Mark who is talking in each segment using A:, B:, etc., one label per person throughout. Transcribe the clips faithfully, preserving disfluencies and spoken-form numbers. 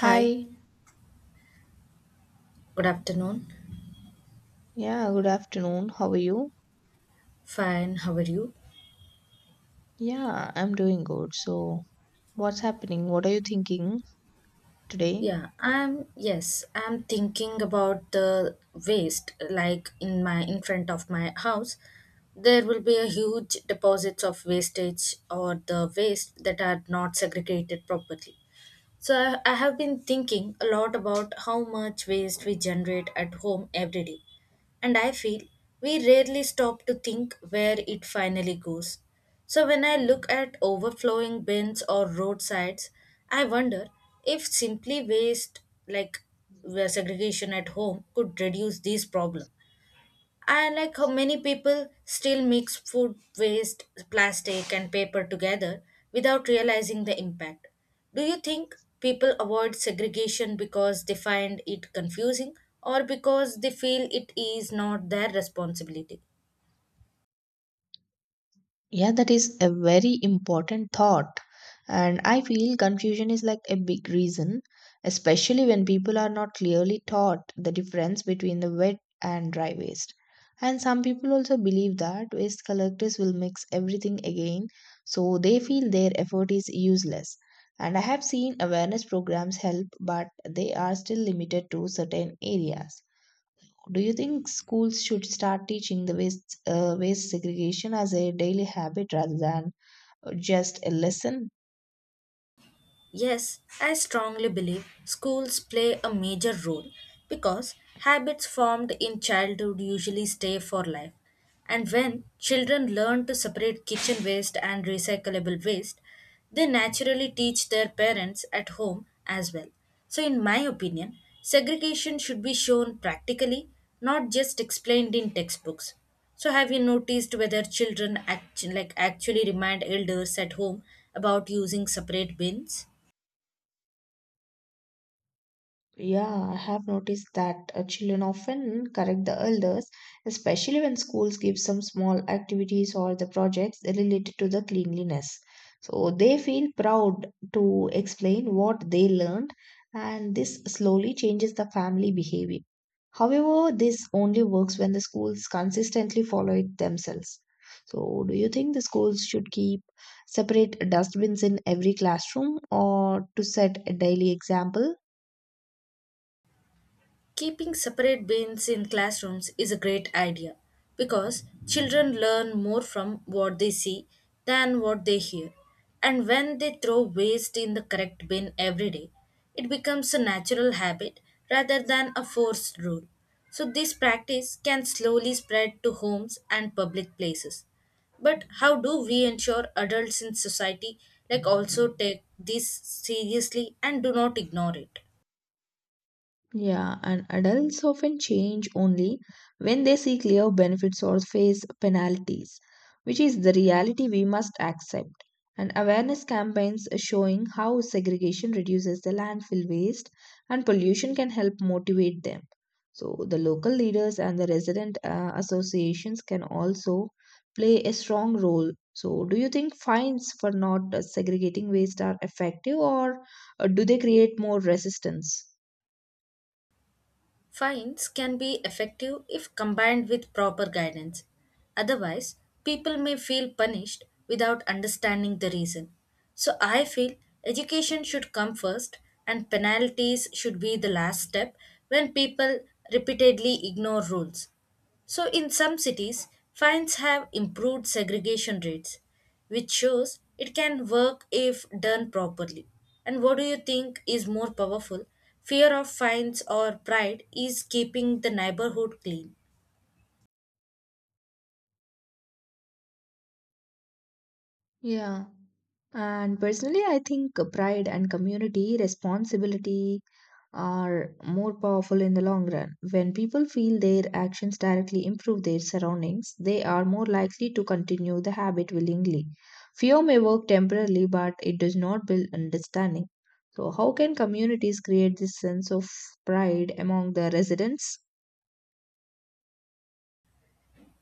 A: Hi,
B: Hi.
A: good afternoon.
B: Yeah, good afternoon. How are you?
A: Fine, how are you?
B: Yeah, I'm doing good. So, what's happening? What are you thinking today?
A: Yeah, I'm, yes, I'm thinking about the waste, like in my, in front of my house, there will be a huge deposits of wastage or the waste that are not segregated properly. So I I have been thinking a lot about how much waste we generate at home every day. And I feel we rarely stop to think where it finally goes. So when I look at overflowing bins or roadsides, I wonder if simply waste like uh, segregation at home could reduce this problem. I like how many people still mix food waste, plastic, and paper together without realizing the impact. Do you think people avoid segregation because they find it confusing or because they feel it is not their responsibility?
B: Yeah, that is a very important thought. And I feel confusion is like a big reason, especially when people are not clearly taught the difference between the wet and dry waste. And some people also believe that waste collectors will mix everything again, so they feel their effort is useless. And I have seen awareness programs help, but they are still limited to certain areas. Do you think schools should start teaching the waste, uh, waste segregation as a daily habit rather than uh, just a lesson?
A: Yes, I strongly believe schools play a major role because habits formed in childhood usually stay for life. And when children learn to separate kitchen waste and recyclable waste, they naturally teach their parents at home as well. So, in my opinion, segregation should be shown practically, not just explained in textbooks. So, have you noticed whether children act- like actually remind elders at home about using separate bins?
B: Yeah, I have noticed that uh, children often correct the elders, especially when schools give some small activities or the projects related to the cleanliness. So they feel proud to explain what they learned, and this slowly changes the family behavior. However, this only works when the schools consistently follow it themselves. So, do you think the schools should keep separate dustbins in every classroom or to set a daily example?
A: Keeping separate bins in classrooms is a great idea because children learn more from what they see than what they hear. And when they throw waste in the correct bin every day, it becomes a natural habit rather than a forced rule. So, this practice can slowly spread to homes and public places. But how do we ensure adults in society like also take this seriously and do not ignore it?
B: Yeah, and adults often change only when they see clear benefits or face penalties, which is the reality we must accept. And awareness campaigns showing how segregation reduces the landfill waste and pollution can help motivate them. So, the local leaders and the resident uh, associations can also play a strong role. So, do you think fines for not uh, segregating waste are effective or uh, do they create more resistance?
A: Fines can be effective if combined with proper guidance. Otherwise, people may feel punished without understanding the reason. So, I feel education should come first and penalties should be the last step when people repeatedly ignore rules. So, in some cities, fines have improved segregation rates, which shows it can work if done properly. And what do you think is more powerful? Fear of fines or pride is keeping the neighborhood clean.
B: Yeah. And personally, I think pride and community responsibility are more powerful in the long run. When people feel their actions directly improve their surroundings, they are more likely to continue the habit willingly. Fear may work temporarily, but it does not build understanding. So, how can communities create this sense of pride among the residents?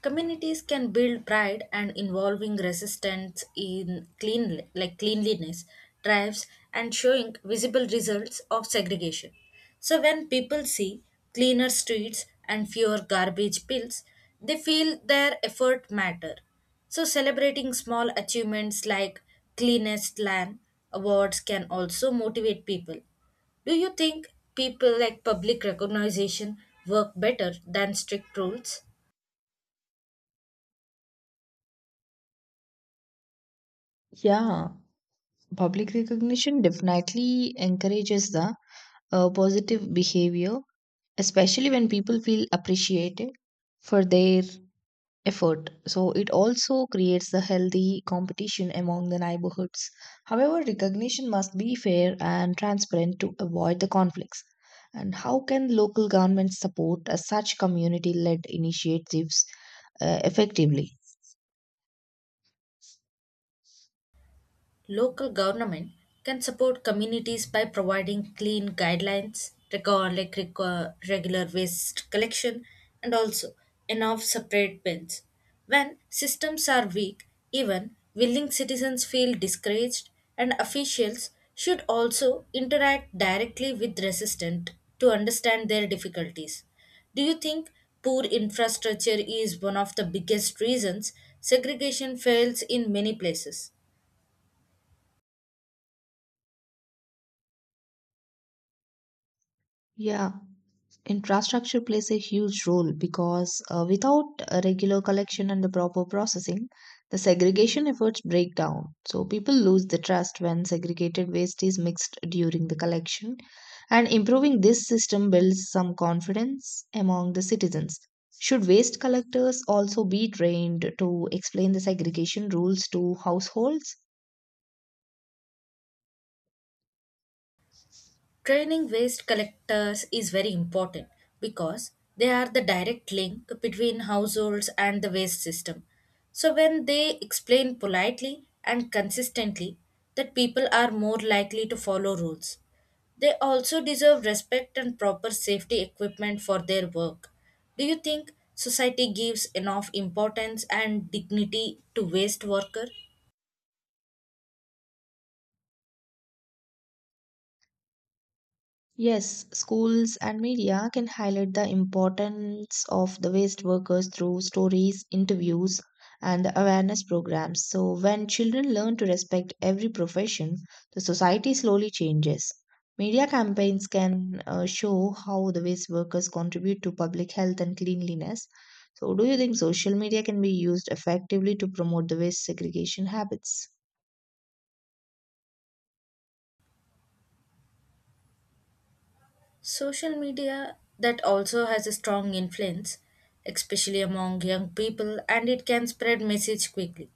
A: Communities can build pride and involving resistance in clean like cleanliness, drives and showing visible results of segregation. So when people see cleaner streets and fewer garbage pills, they feel their effort matter. So celebrating small achievements like cleanest land awards can also motivate people. Do you think people like public recognition work better than strict rules?
B: Yeah, public recognition definitely encourages the uh, positive behavior especially when people feel appreciated for their effort. So it also creates a healthy competition among the neighborhoods. However, recognition must be fair and transparent to avoid the conflicts. And how can local governments support uh, such community led initiatives uh, effectively?
A: Local government can support communities by providing clean guidelines, record, like reco- regular waste collection, and also enough separate bins. When systems are weak, even willing citizens feel discouraged, and officials should also interact directly with resistant to understand their difficulties. Do you think poor infrastructure is one of the biggest reasons segregation fails in many places?
B: Yeah, infrastructure plays a huge role because uh, without a regular collection and the proper processing, the segregation efforts break down. So people lose the trust when segregated waste is mixed during the collection, and improving this system builds some confidence among the citizens. Should waste collectors also be trained to explain the segregation rules to households?
A: Training waste collectors is very important because they are the direct link between households and the waste system. So, when they explain politely and consistently that people are more likely to follow rules, they also deserve respect and proper safety equipment for their work. Do you think society gives enough importance and dignity to waste worker?
B: Yes, schools and media can highlight the importance of the waste workers through stories, interviews, and the awareness programs. So, when children learn to respect every profession, the society slowly changes. Media campaigns can uh, show how the waste workers contribute to public health and cleanliness. So, do you think social media can be used effectively to promote the waste segregation habits?
A: Social media that also has a strong influence, especially among young people, and it can spread message quickly.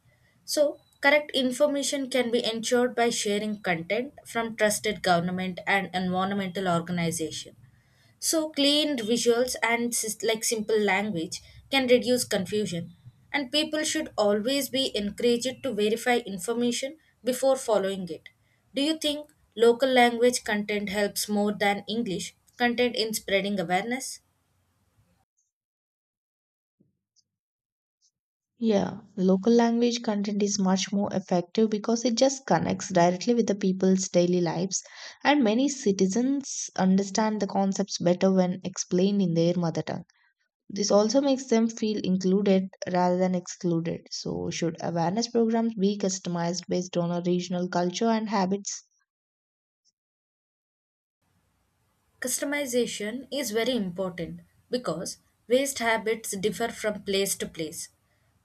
A: So, correct information can be ensured by sharing content from trusted government and environmental organization. So clean visuals and sys- like simple language can reduce confusion and people should always be encouraged to verify information before following it. Do you think local language content helps more than English content in spreading awareness?
B: Yeah, local language content is much more effective because it just connects directly with the people's daily lives, and many citizens understand the concepts better when explained in their mother tongue. This also makes them feel included rather than excluded. So, should awareness programs be customized based on a regional culture and habits?
A: Customization is very important because waste habits differ from place to place.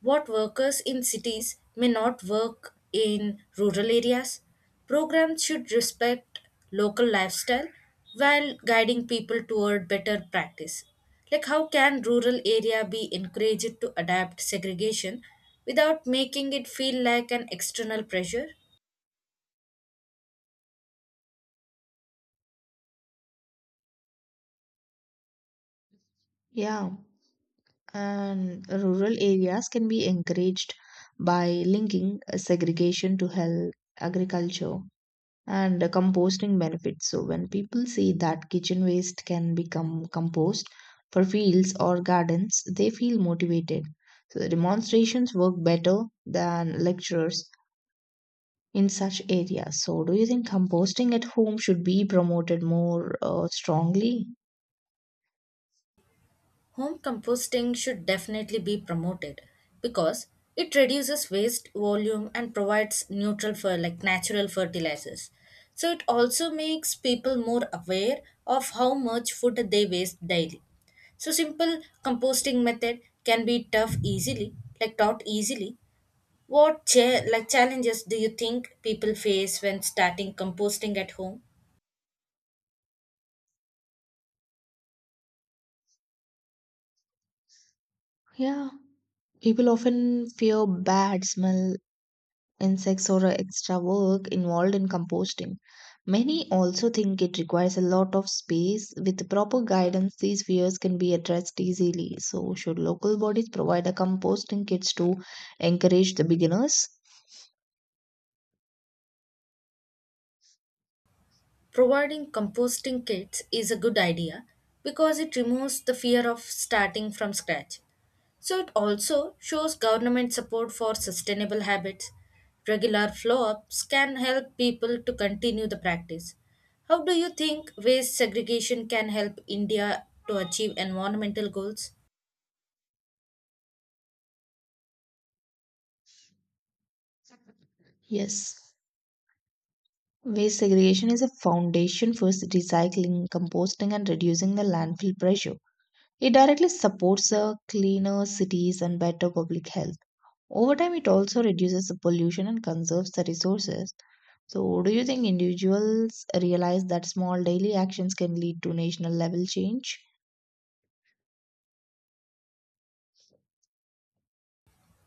A: What workers in cities may not work in rural areas. Programs should respect local lifestyle while guiding people toward better practice. Like how can rural area be encouraged to adapt segregation without making it feel like an external pressure?
B: Yeah, and rural areas can be encouraged by linking segregation to health, agriculture and uh, composting benefits. So, when people see that kitchen waste can become compost for fields or gardens, they feel motivated. So, the demonstrations work better than lectures in such areas. So, do you think composting at home should be promoted more uh, strongly?
A: Home composting should definitely be promoted because it reduces waste volume and provides neutral for like natural fertilizers. So it also makes people more aware of how much food they waste daily. So simple composting method can be tough easily, like taught easily. What cha- like challenges do you think people face when starting composting at home?
B: Yeah, people often fear bad smell insects or extra work involved in composting. Many also think it requires a lot of space. With proper guidance, these fears can be addressed easily. So, should local bodies provide a composting kits to encourage the beginners?
A: Providing composting kits is a good idea because it removes the fear of starting from scratch. So it also shows government support for sustainable habits. Regular flow ups can help people to continue the practice. How do you think waste segregation can help India to achieve environmental goals?
B: Yes. Waste segregation is a foundation for recycling, composting, and reducing the landfill pressure. It directly supports a cleaner cities and better public health. Over time, it also reduces the pollution and conserves the resources. So, do you think individuals realize that small daily actions can lead to national level change?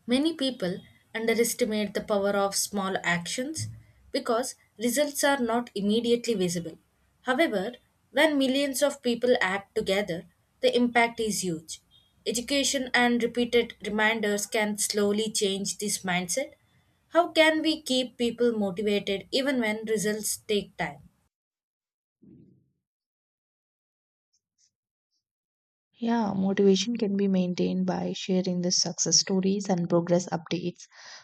A: Many people underestimate the power of small actions because results are not immediately visible. However, when millions of people act together, the impact is huge. Education and repeated reminders can slowly change this mindset. How can we keep people motivated even when results take time?
B: Yeah, motivation can be maintained by sharing the success stories and progress updates.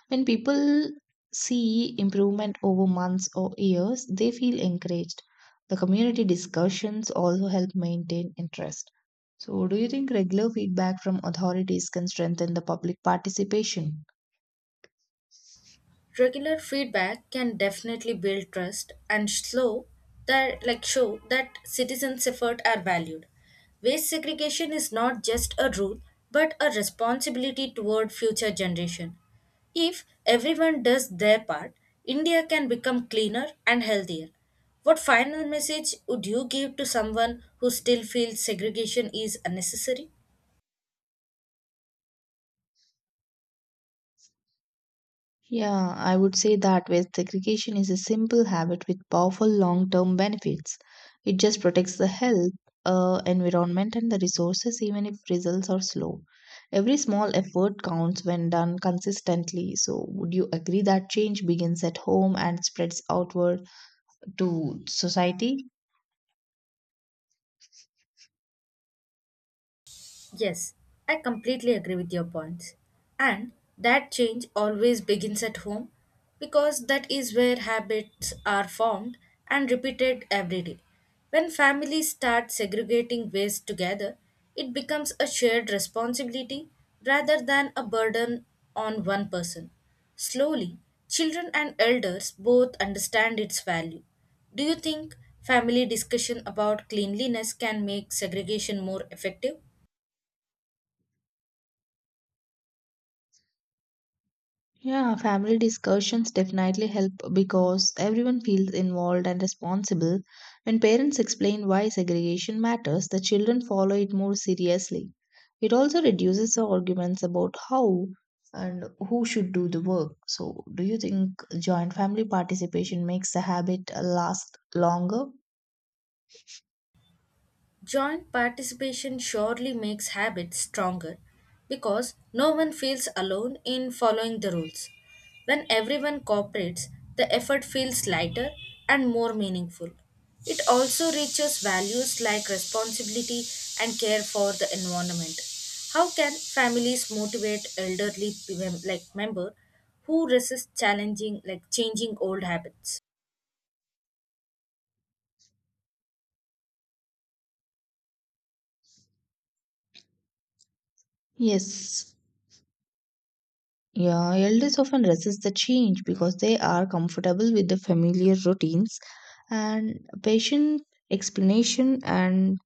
B: When people see improvement over months or years, they feel encouraged. The community discussions also help maintain interest. So, do you think regular feedback from authorities can strengthen the public participation?
A: Regular feedback can definitely build trust and slow that like show that citizens' effort are valued. Waste segregation is not just a rule but a responsibility toward future generation. If everyone does their part, India can become cleaner and healthier. What final message would you give to someone who still feels segregation is unnecessary?
B: Yeah, I would say that waste segregation is a simple habit with powerful long term benefits. It just protects the health, uh, environment, and the resources, even if results are slow. Every small effort counts when done consistently. So, would you agree that change begins at home and spreads outward to society?
A: Yes, I completely agree with your points. And that change always begins at home because that is where habits are formed and repeated every day. When families start segregating waste together, it becomes a shared responsibility rather than a burden on one person. Slowly, children and elders both understand its value. Do you think family discussion about cleanliness can make segregation more effective?
B: Yeah, family discussions definitely help because everyone feels involved and responsible. When parents explain why segregation matters, the children follow it more seriously. It also reduces the arguments about how and who should do the work. So, do you think joint family participation makes the habit uh, last longer?
A: Joint participation surely makes habits stronger because no one feels alone in following the rules. When everyone cooperates, the effort feels lighter and more meaningful. It also reaches values like responsibility and care for the environment. How can families motivate elderly mem- like member who resist challenging like changing old habits?
B: Yes, Yeah, elders often resist the change because they are comfortable with the familiar routines and patient explanation and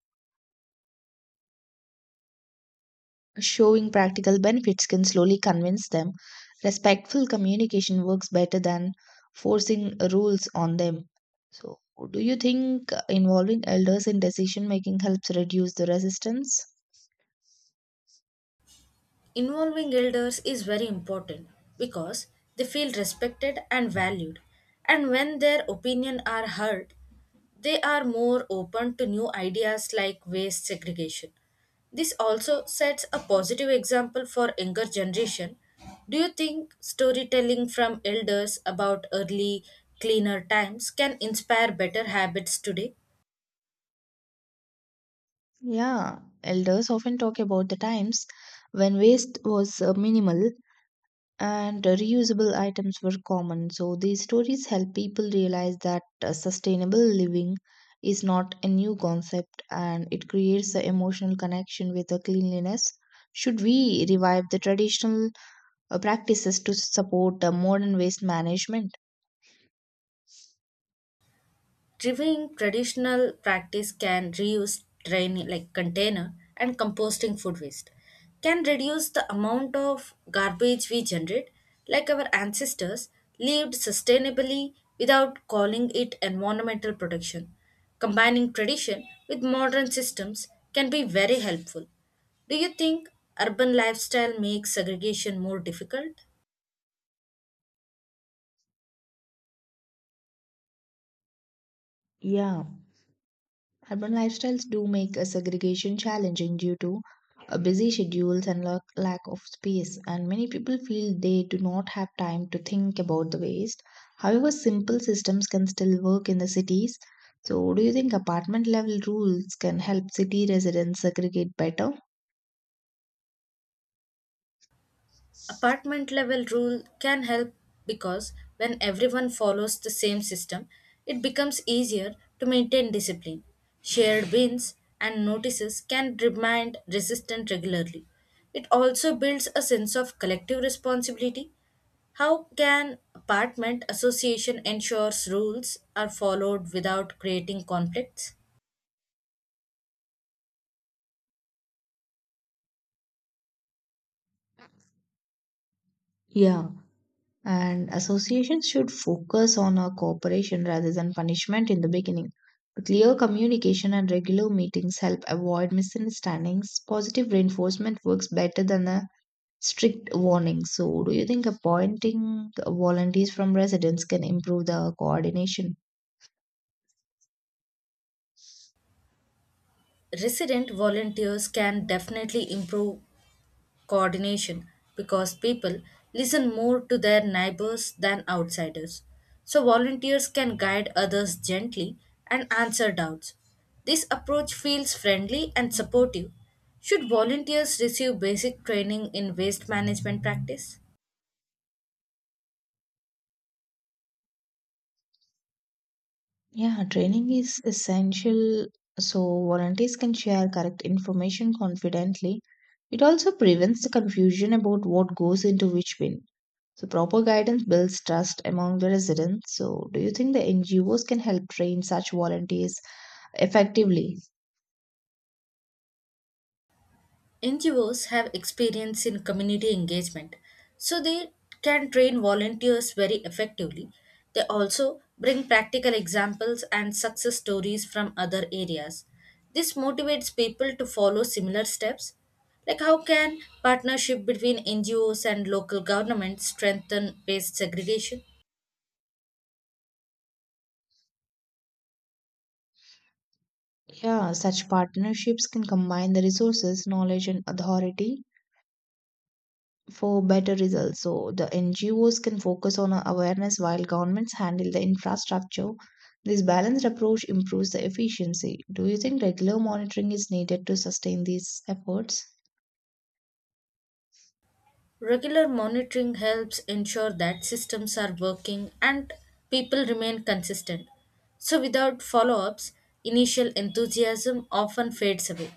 B: showing practical benefits can slowly convince them. Respectful communication works better than forcing rules on them. So, do you think involving elders in decision making helps reduce the resistance?
A: Involving elders is very important because they feel respected and valued, and when their opinion are heard, they are more open to new ideas like waste segregation. This also sets a positive example for younger generation. Do you think storytelling from elders about early cleaner times can inspire better habits today?
B: Yeah, elders often talk about the times when waste was uh, minimal and reusable items were common. So these stories help people realize that uh, sustainable living is not a new concept and it creates an emotional connection with the cleanliness. Should we revive the traditional uh, practices to support uh, modern waste management?
A: Reviewing traditional practice can reuse drain like container and composting food waste. Can reduce the amount of garbage we generate, like our ancestors lived sustainably without calling it environmental protection. Combining tradition with modern systems can be very helpful. Do you think urban lifestyle makes segregation more difficult?
B: Yeah. Urban lifestyles do make a segregation challenging due to uh, busy schedules and lack lack of space, and many people feel they do not have time to think about the waste. However, simple systems can still work in the cities. So, do you think apartment level rules can help city residents segregate better?
A: Apartment level rule can help because when everyone follows the same system, it becomes easier to maintain discipline. Shared bins and notices can remind resistance regularly. It also builds a sense of collective responsibility. How can apartment association ensures rules are followed without creating conflicts?
B: Yeah, and associations should focus on a cooperation rather than punishment in the beginning. Clear communication and regular meetings help avoid misunderstandings. Positive reinforcement works better than a strict warning. So, do you think appointing volunteers from residents can improve the coordination?
A: Resident volunteers can definitely improve coordination because people listen more to their neighbors than outsiders. So, volunteers can guide others gently and answer doubts. This approach feels friendly and supportive. Should volunteers receive basic training in waste management practice?
B: Yeah, training is essential so volunteers can share correct information confidently. It also prevents the confusion about what goes into which bin. So proper guidance builds trust among the residents. So do you think the N G Os can help train such volunteers effectively?
A: N G Os have experience in community engagement, so they can train volunteers very effectively. They also bring practical examples and success stories from other areas. This motivates people to follow similar steps. Like, how can partnership between N G Os and local governments strengthen waste segregation?
B: Yeah, such partnerships can combine the resources, knowledge, and authority for better results. So the N G Os can focus on awareness while governments handle the infrastructure. This balanced approach improves the efficiency. Do you think regular monitoring is needed to sustain these efforts?
A: Regular monitoring helps ensure that systems are working and people remain consistent. So, without follow ups, initial enthusiasm often fades away.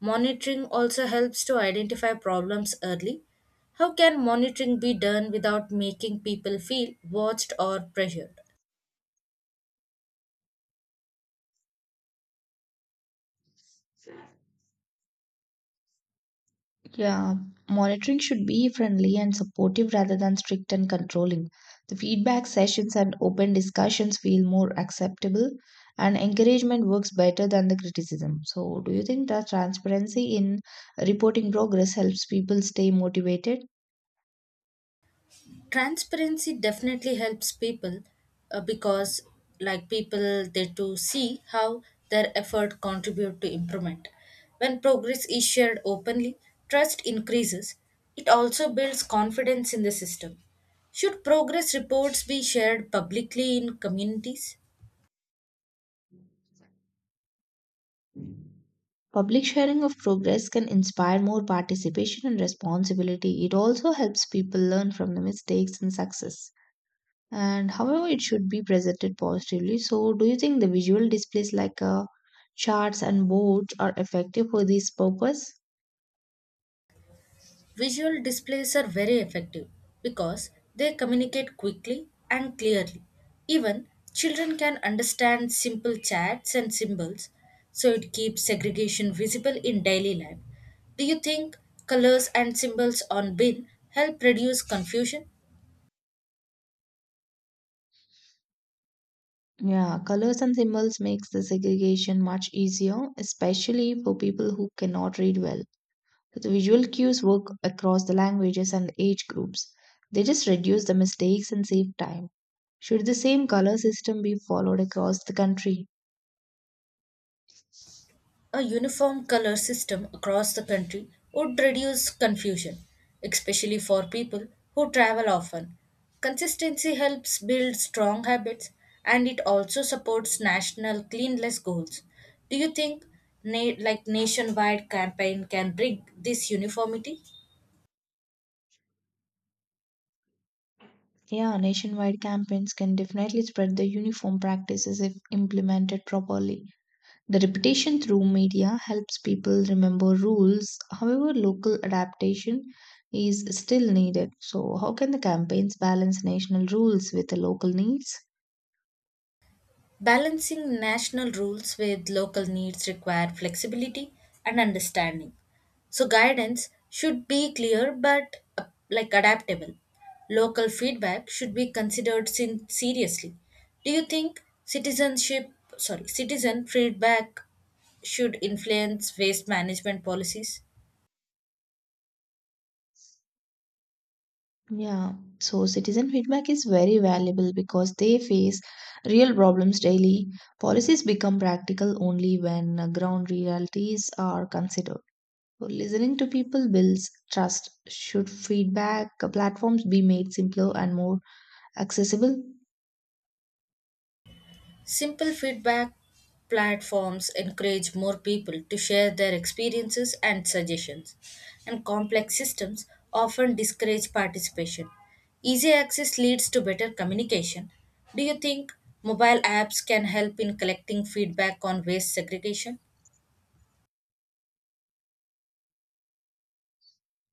A: Monitoring also helps to identify problems early. How can monitoring be done without making people feel watched or pressured?
B: Yeah, monitoring should be friendly and supportive rather than strict and controlling. The feedback sessions and open discussions feel more acceptable, and encouragement works better than the criticism. So, do you think that transparency in reporting progress helps people stay motivated?
A: Transparency definitely helps people uh, because like people they to see how their effort contribute to improvement when progress is shared openly, trust increases. It also builds confidence in the system. Should progress reports be shared publicly in communities?
B: Public sharing of progress can inspire more participation and responsibility. It also helps people learn from the mistakes and success. And however it should be presented positively. So do you think the visual displays like uh, charts and boards are effective for this purpose?
A: Visual displays are very effective because they communicate quickly and clearly. Even children can understand simple chats and symbols, so it keeps segregation visible in daily life. Do you think colors and symbols on bin help reduce confusion?
B: Yeah, colors and symbols makes the segregation much easier, especially for people who cannot read well. So, the visual cues work across the languages and age groups. They just reduce the mistakes and save time. Should the same color system be followed across the country?
A: A uniform color system across the country would reduce confusion, especially for people who travel often. Consistency helps build strong habits and it also supports national cleanliness goals. Do you think na- like nationwide campaign can bring this uniformity?
B: Yeah, nationwide campaigns can definitely spread the uniform practices if implemented properly. The repetition through media helps people remember rules. However, local adaptation is still needed. So, how can the campaigns balance national rules with the local needs?
A: Balancing national rules with local needs require flexibility and understanding. So guidance should be clear but uh, like adaptable. Local feedback should be considered sin- seriously. Do you think citizenship sorry citizen feedback should influence waste management policies?
B: Yeah, so citizen feedback is very valuable because they face real problems daily. Policies become practical only when uh, ground realities are considered. So listening to people builds trust. Should feedback platforms be made simpler and more accessible?
A: Simple feedback platforms encourage more people to share their experiences and suggestions, and complex systems often discourage participation. Easy access leads to better communication. Do you think mobile apps can help in collecting feedback on waste segregation?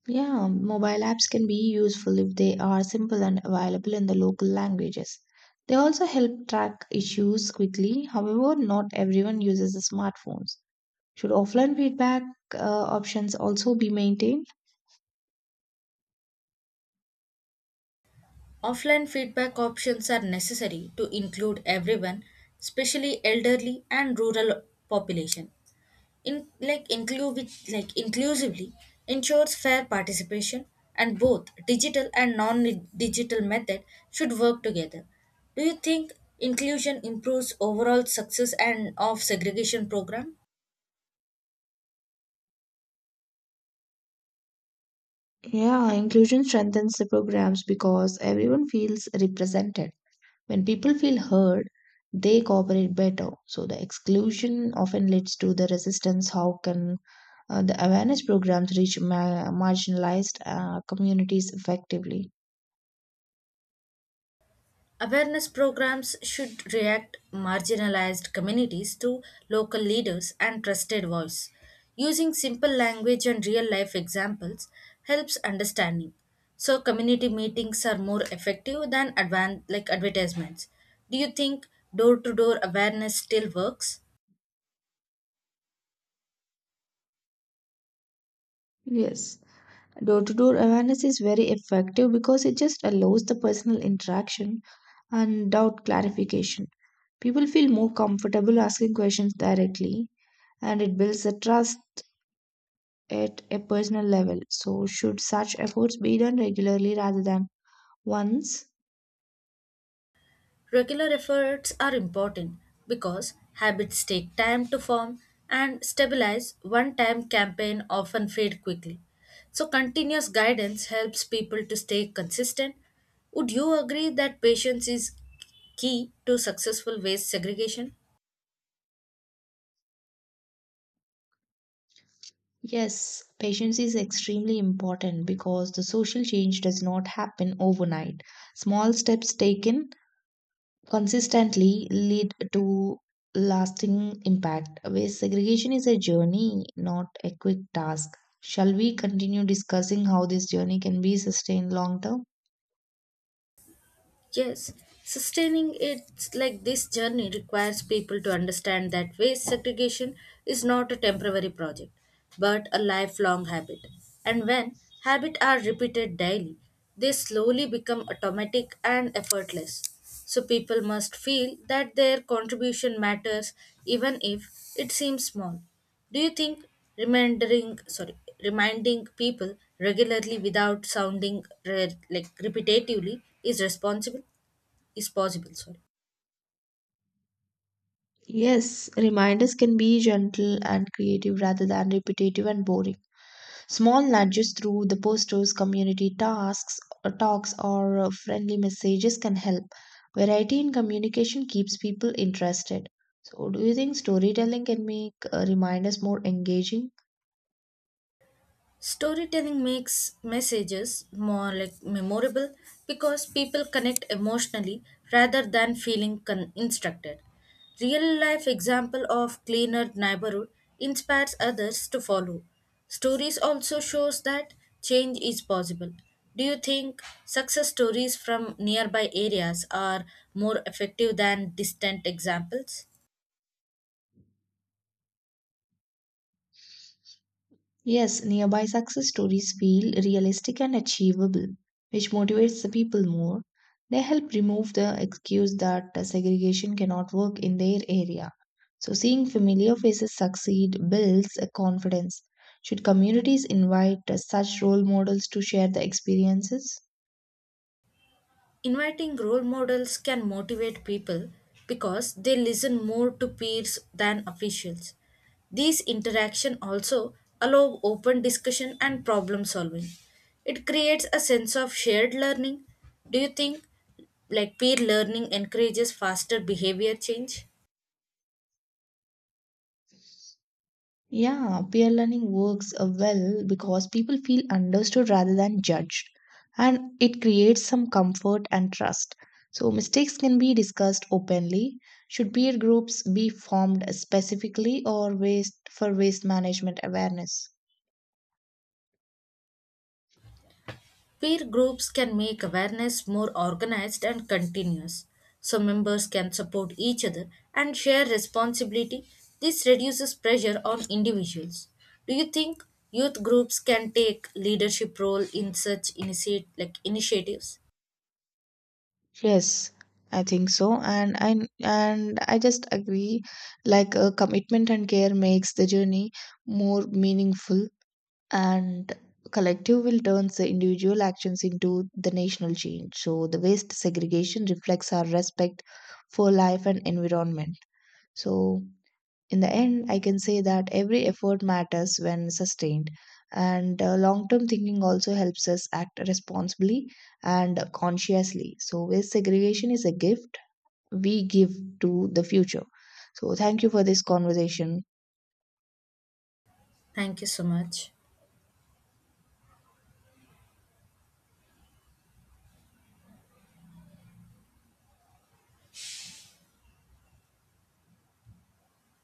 B: Yeah, mobile apps can be useful if they are simple and available in the local languages. They also help track issues quickly. However, not everyone uses the smartphones. Should offline feedback uh, options also be maintained?
A: Offline feedback options are necessary to include everyone, especially elderly and rural population. In like include like Inclusively ensures fair participation, and both digital and non-digital method should work together. Do you think inclusion improves overall success and of segregation program?
B: Yeah, inclusion strengthens the programs because everyone feels represented. When people feel heard, they cooperate better. So the exclusion often leads to the resistance. How can Uh, the awareness programs reach ma- marginalized uh, communities effectively.
A: Awareness programs should react marginalized communities to local leaders and trusted voice. Using simple language and real life examples helps understanding. So community meetings are more effective than advan- like advertisements. Do you think door to door awareness still works?
B: Yes. Door to door awareness is very effective because it just allows the personal interaction and doubt clarification. People feel more comfortable asking questions directly and it builds the trust at a personal level. So, should such efforts be done regularly rather than once?
A: Regular efforts are important because habits take time to form and stabilize. One time campaign often fade quickly. So continuous guidance helps people to stay consistent. Would you agree that patience is key to successful waste segregation?
B: Yes, patience is extremely important because the social change does not happen overnight. Small steps taken consistently lead to lasting impact. Waste segregation is a journey, not a quick task. Shall we continue discussing how this journey can be sustained long term?
A: Yes, sustaining it like this journey requires people to understand that waste segregation is not a temporary project, but a lifelong habit. And when habits are repeated daily, they slowly become automatic and effortless. So people must feel that their contribution matters even if it seems small. Do you think remembering, sorry, reminding people regularly without sounding re- like repetitively is responsible? Is possible, sorry.
B: Yes, reminders can be gentle and creative rather than repetitive and boring. Small nudges through the posters, community tasks, uh, talks, or uh, friendly messages can help. Variety in communication keeps people interested. So, do you think storytelling can make uh, reminders more engaging?
A: Storytelling makes messages more like memorable because people connect emotionally rather than feeling con- instructed. Real life example of cleaner neighborhood inspires others to follow. Stories also shows that change is possible. Do you think success stories from nearby areas are more effective than distant examples?
B: Yes, nearby success stories feel realistic and achievable, which motivates the people more. They help remove the excuse that uh, segregation cannot work in their area. So, seeing familiar faces succeed builds a confidence. Should communities invite uh, such role models to share the experiences?
A: Inviting role models can motivate people because they listen more to peers than officials. These interaction also allow open discussion and problem solving. It creates a sense of shared learning. Do you think like peer learning encourages faster behavior change?
B: Yeah, peer learning works uh, well because people feel understood rather than judged, and it creates some comfort and trust. So, mistakes can be discussed openly. Should peer groups be formed specifically or waste for waste management awareness?
A: Peer groups can make awareness more organized and continuous, so members can support each other and share responsibility. This reduces pressure on individuals. Do you think youth groups can take leadership role in such initiate like initiatives?
B: Yes, I think so, and I and I just agree. Like uh, commitment and care makes the journey more meaningful. And collective will turns the individual actions into the national change. So the waste segregation reflects our respect for life and environment. So in the end, I can say that every effort matters when sustained. And uh, long term thinking also helps us act responsibly and consciously. So, waste segregation is a gift we give to the future. So, thank you for this conversation.
A: Thank you so much.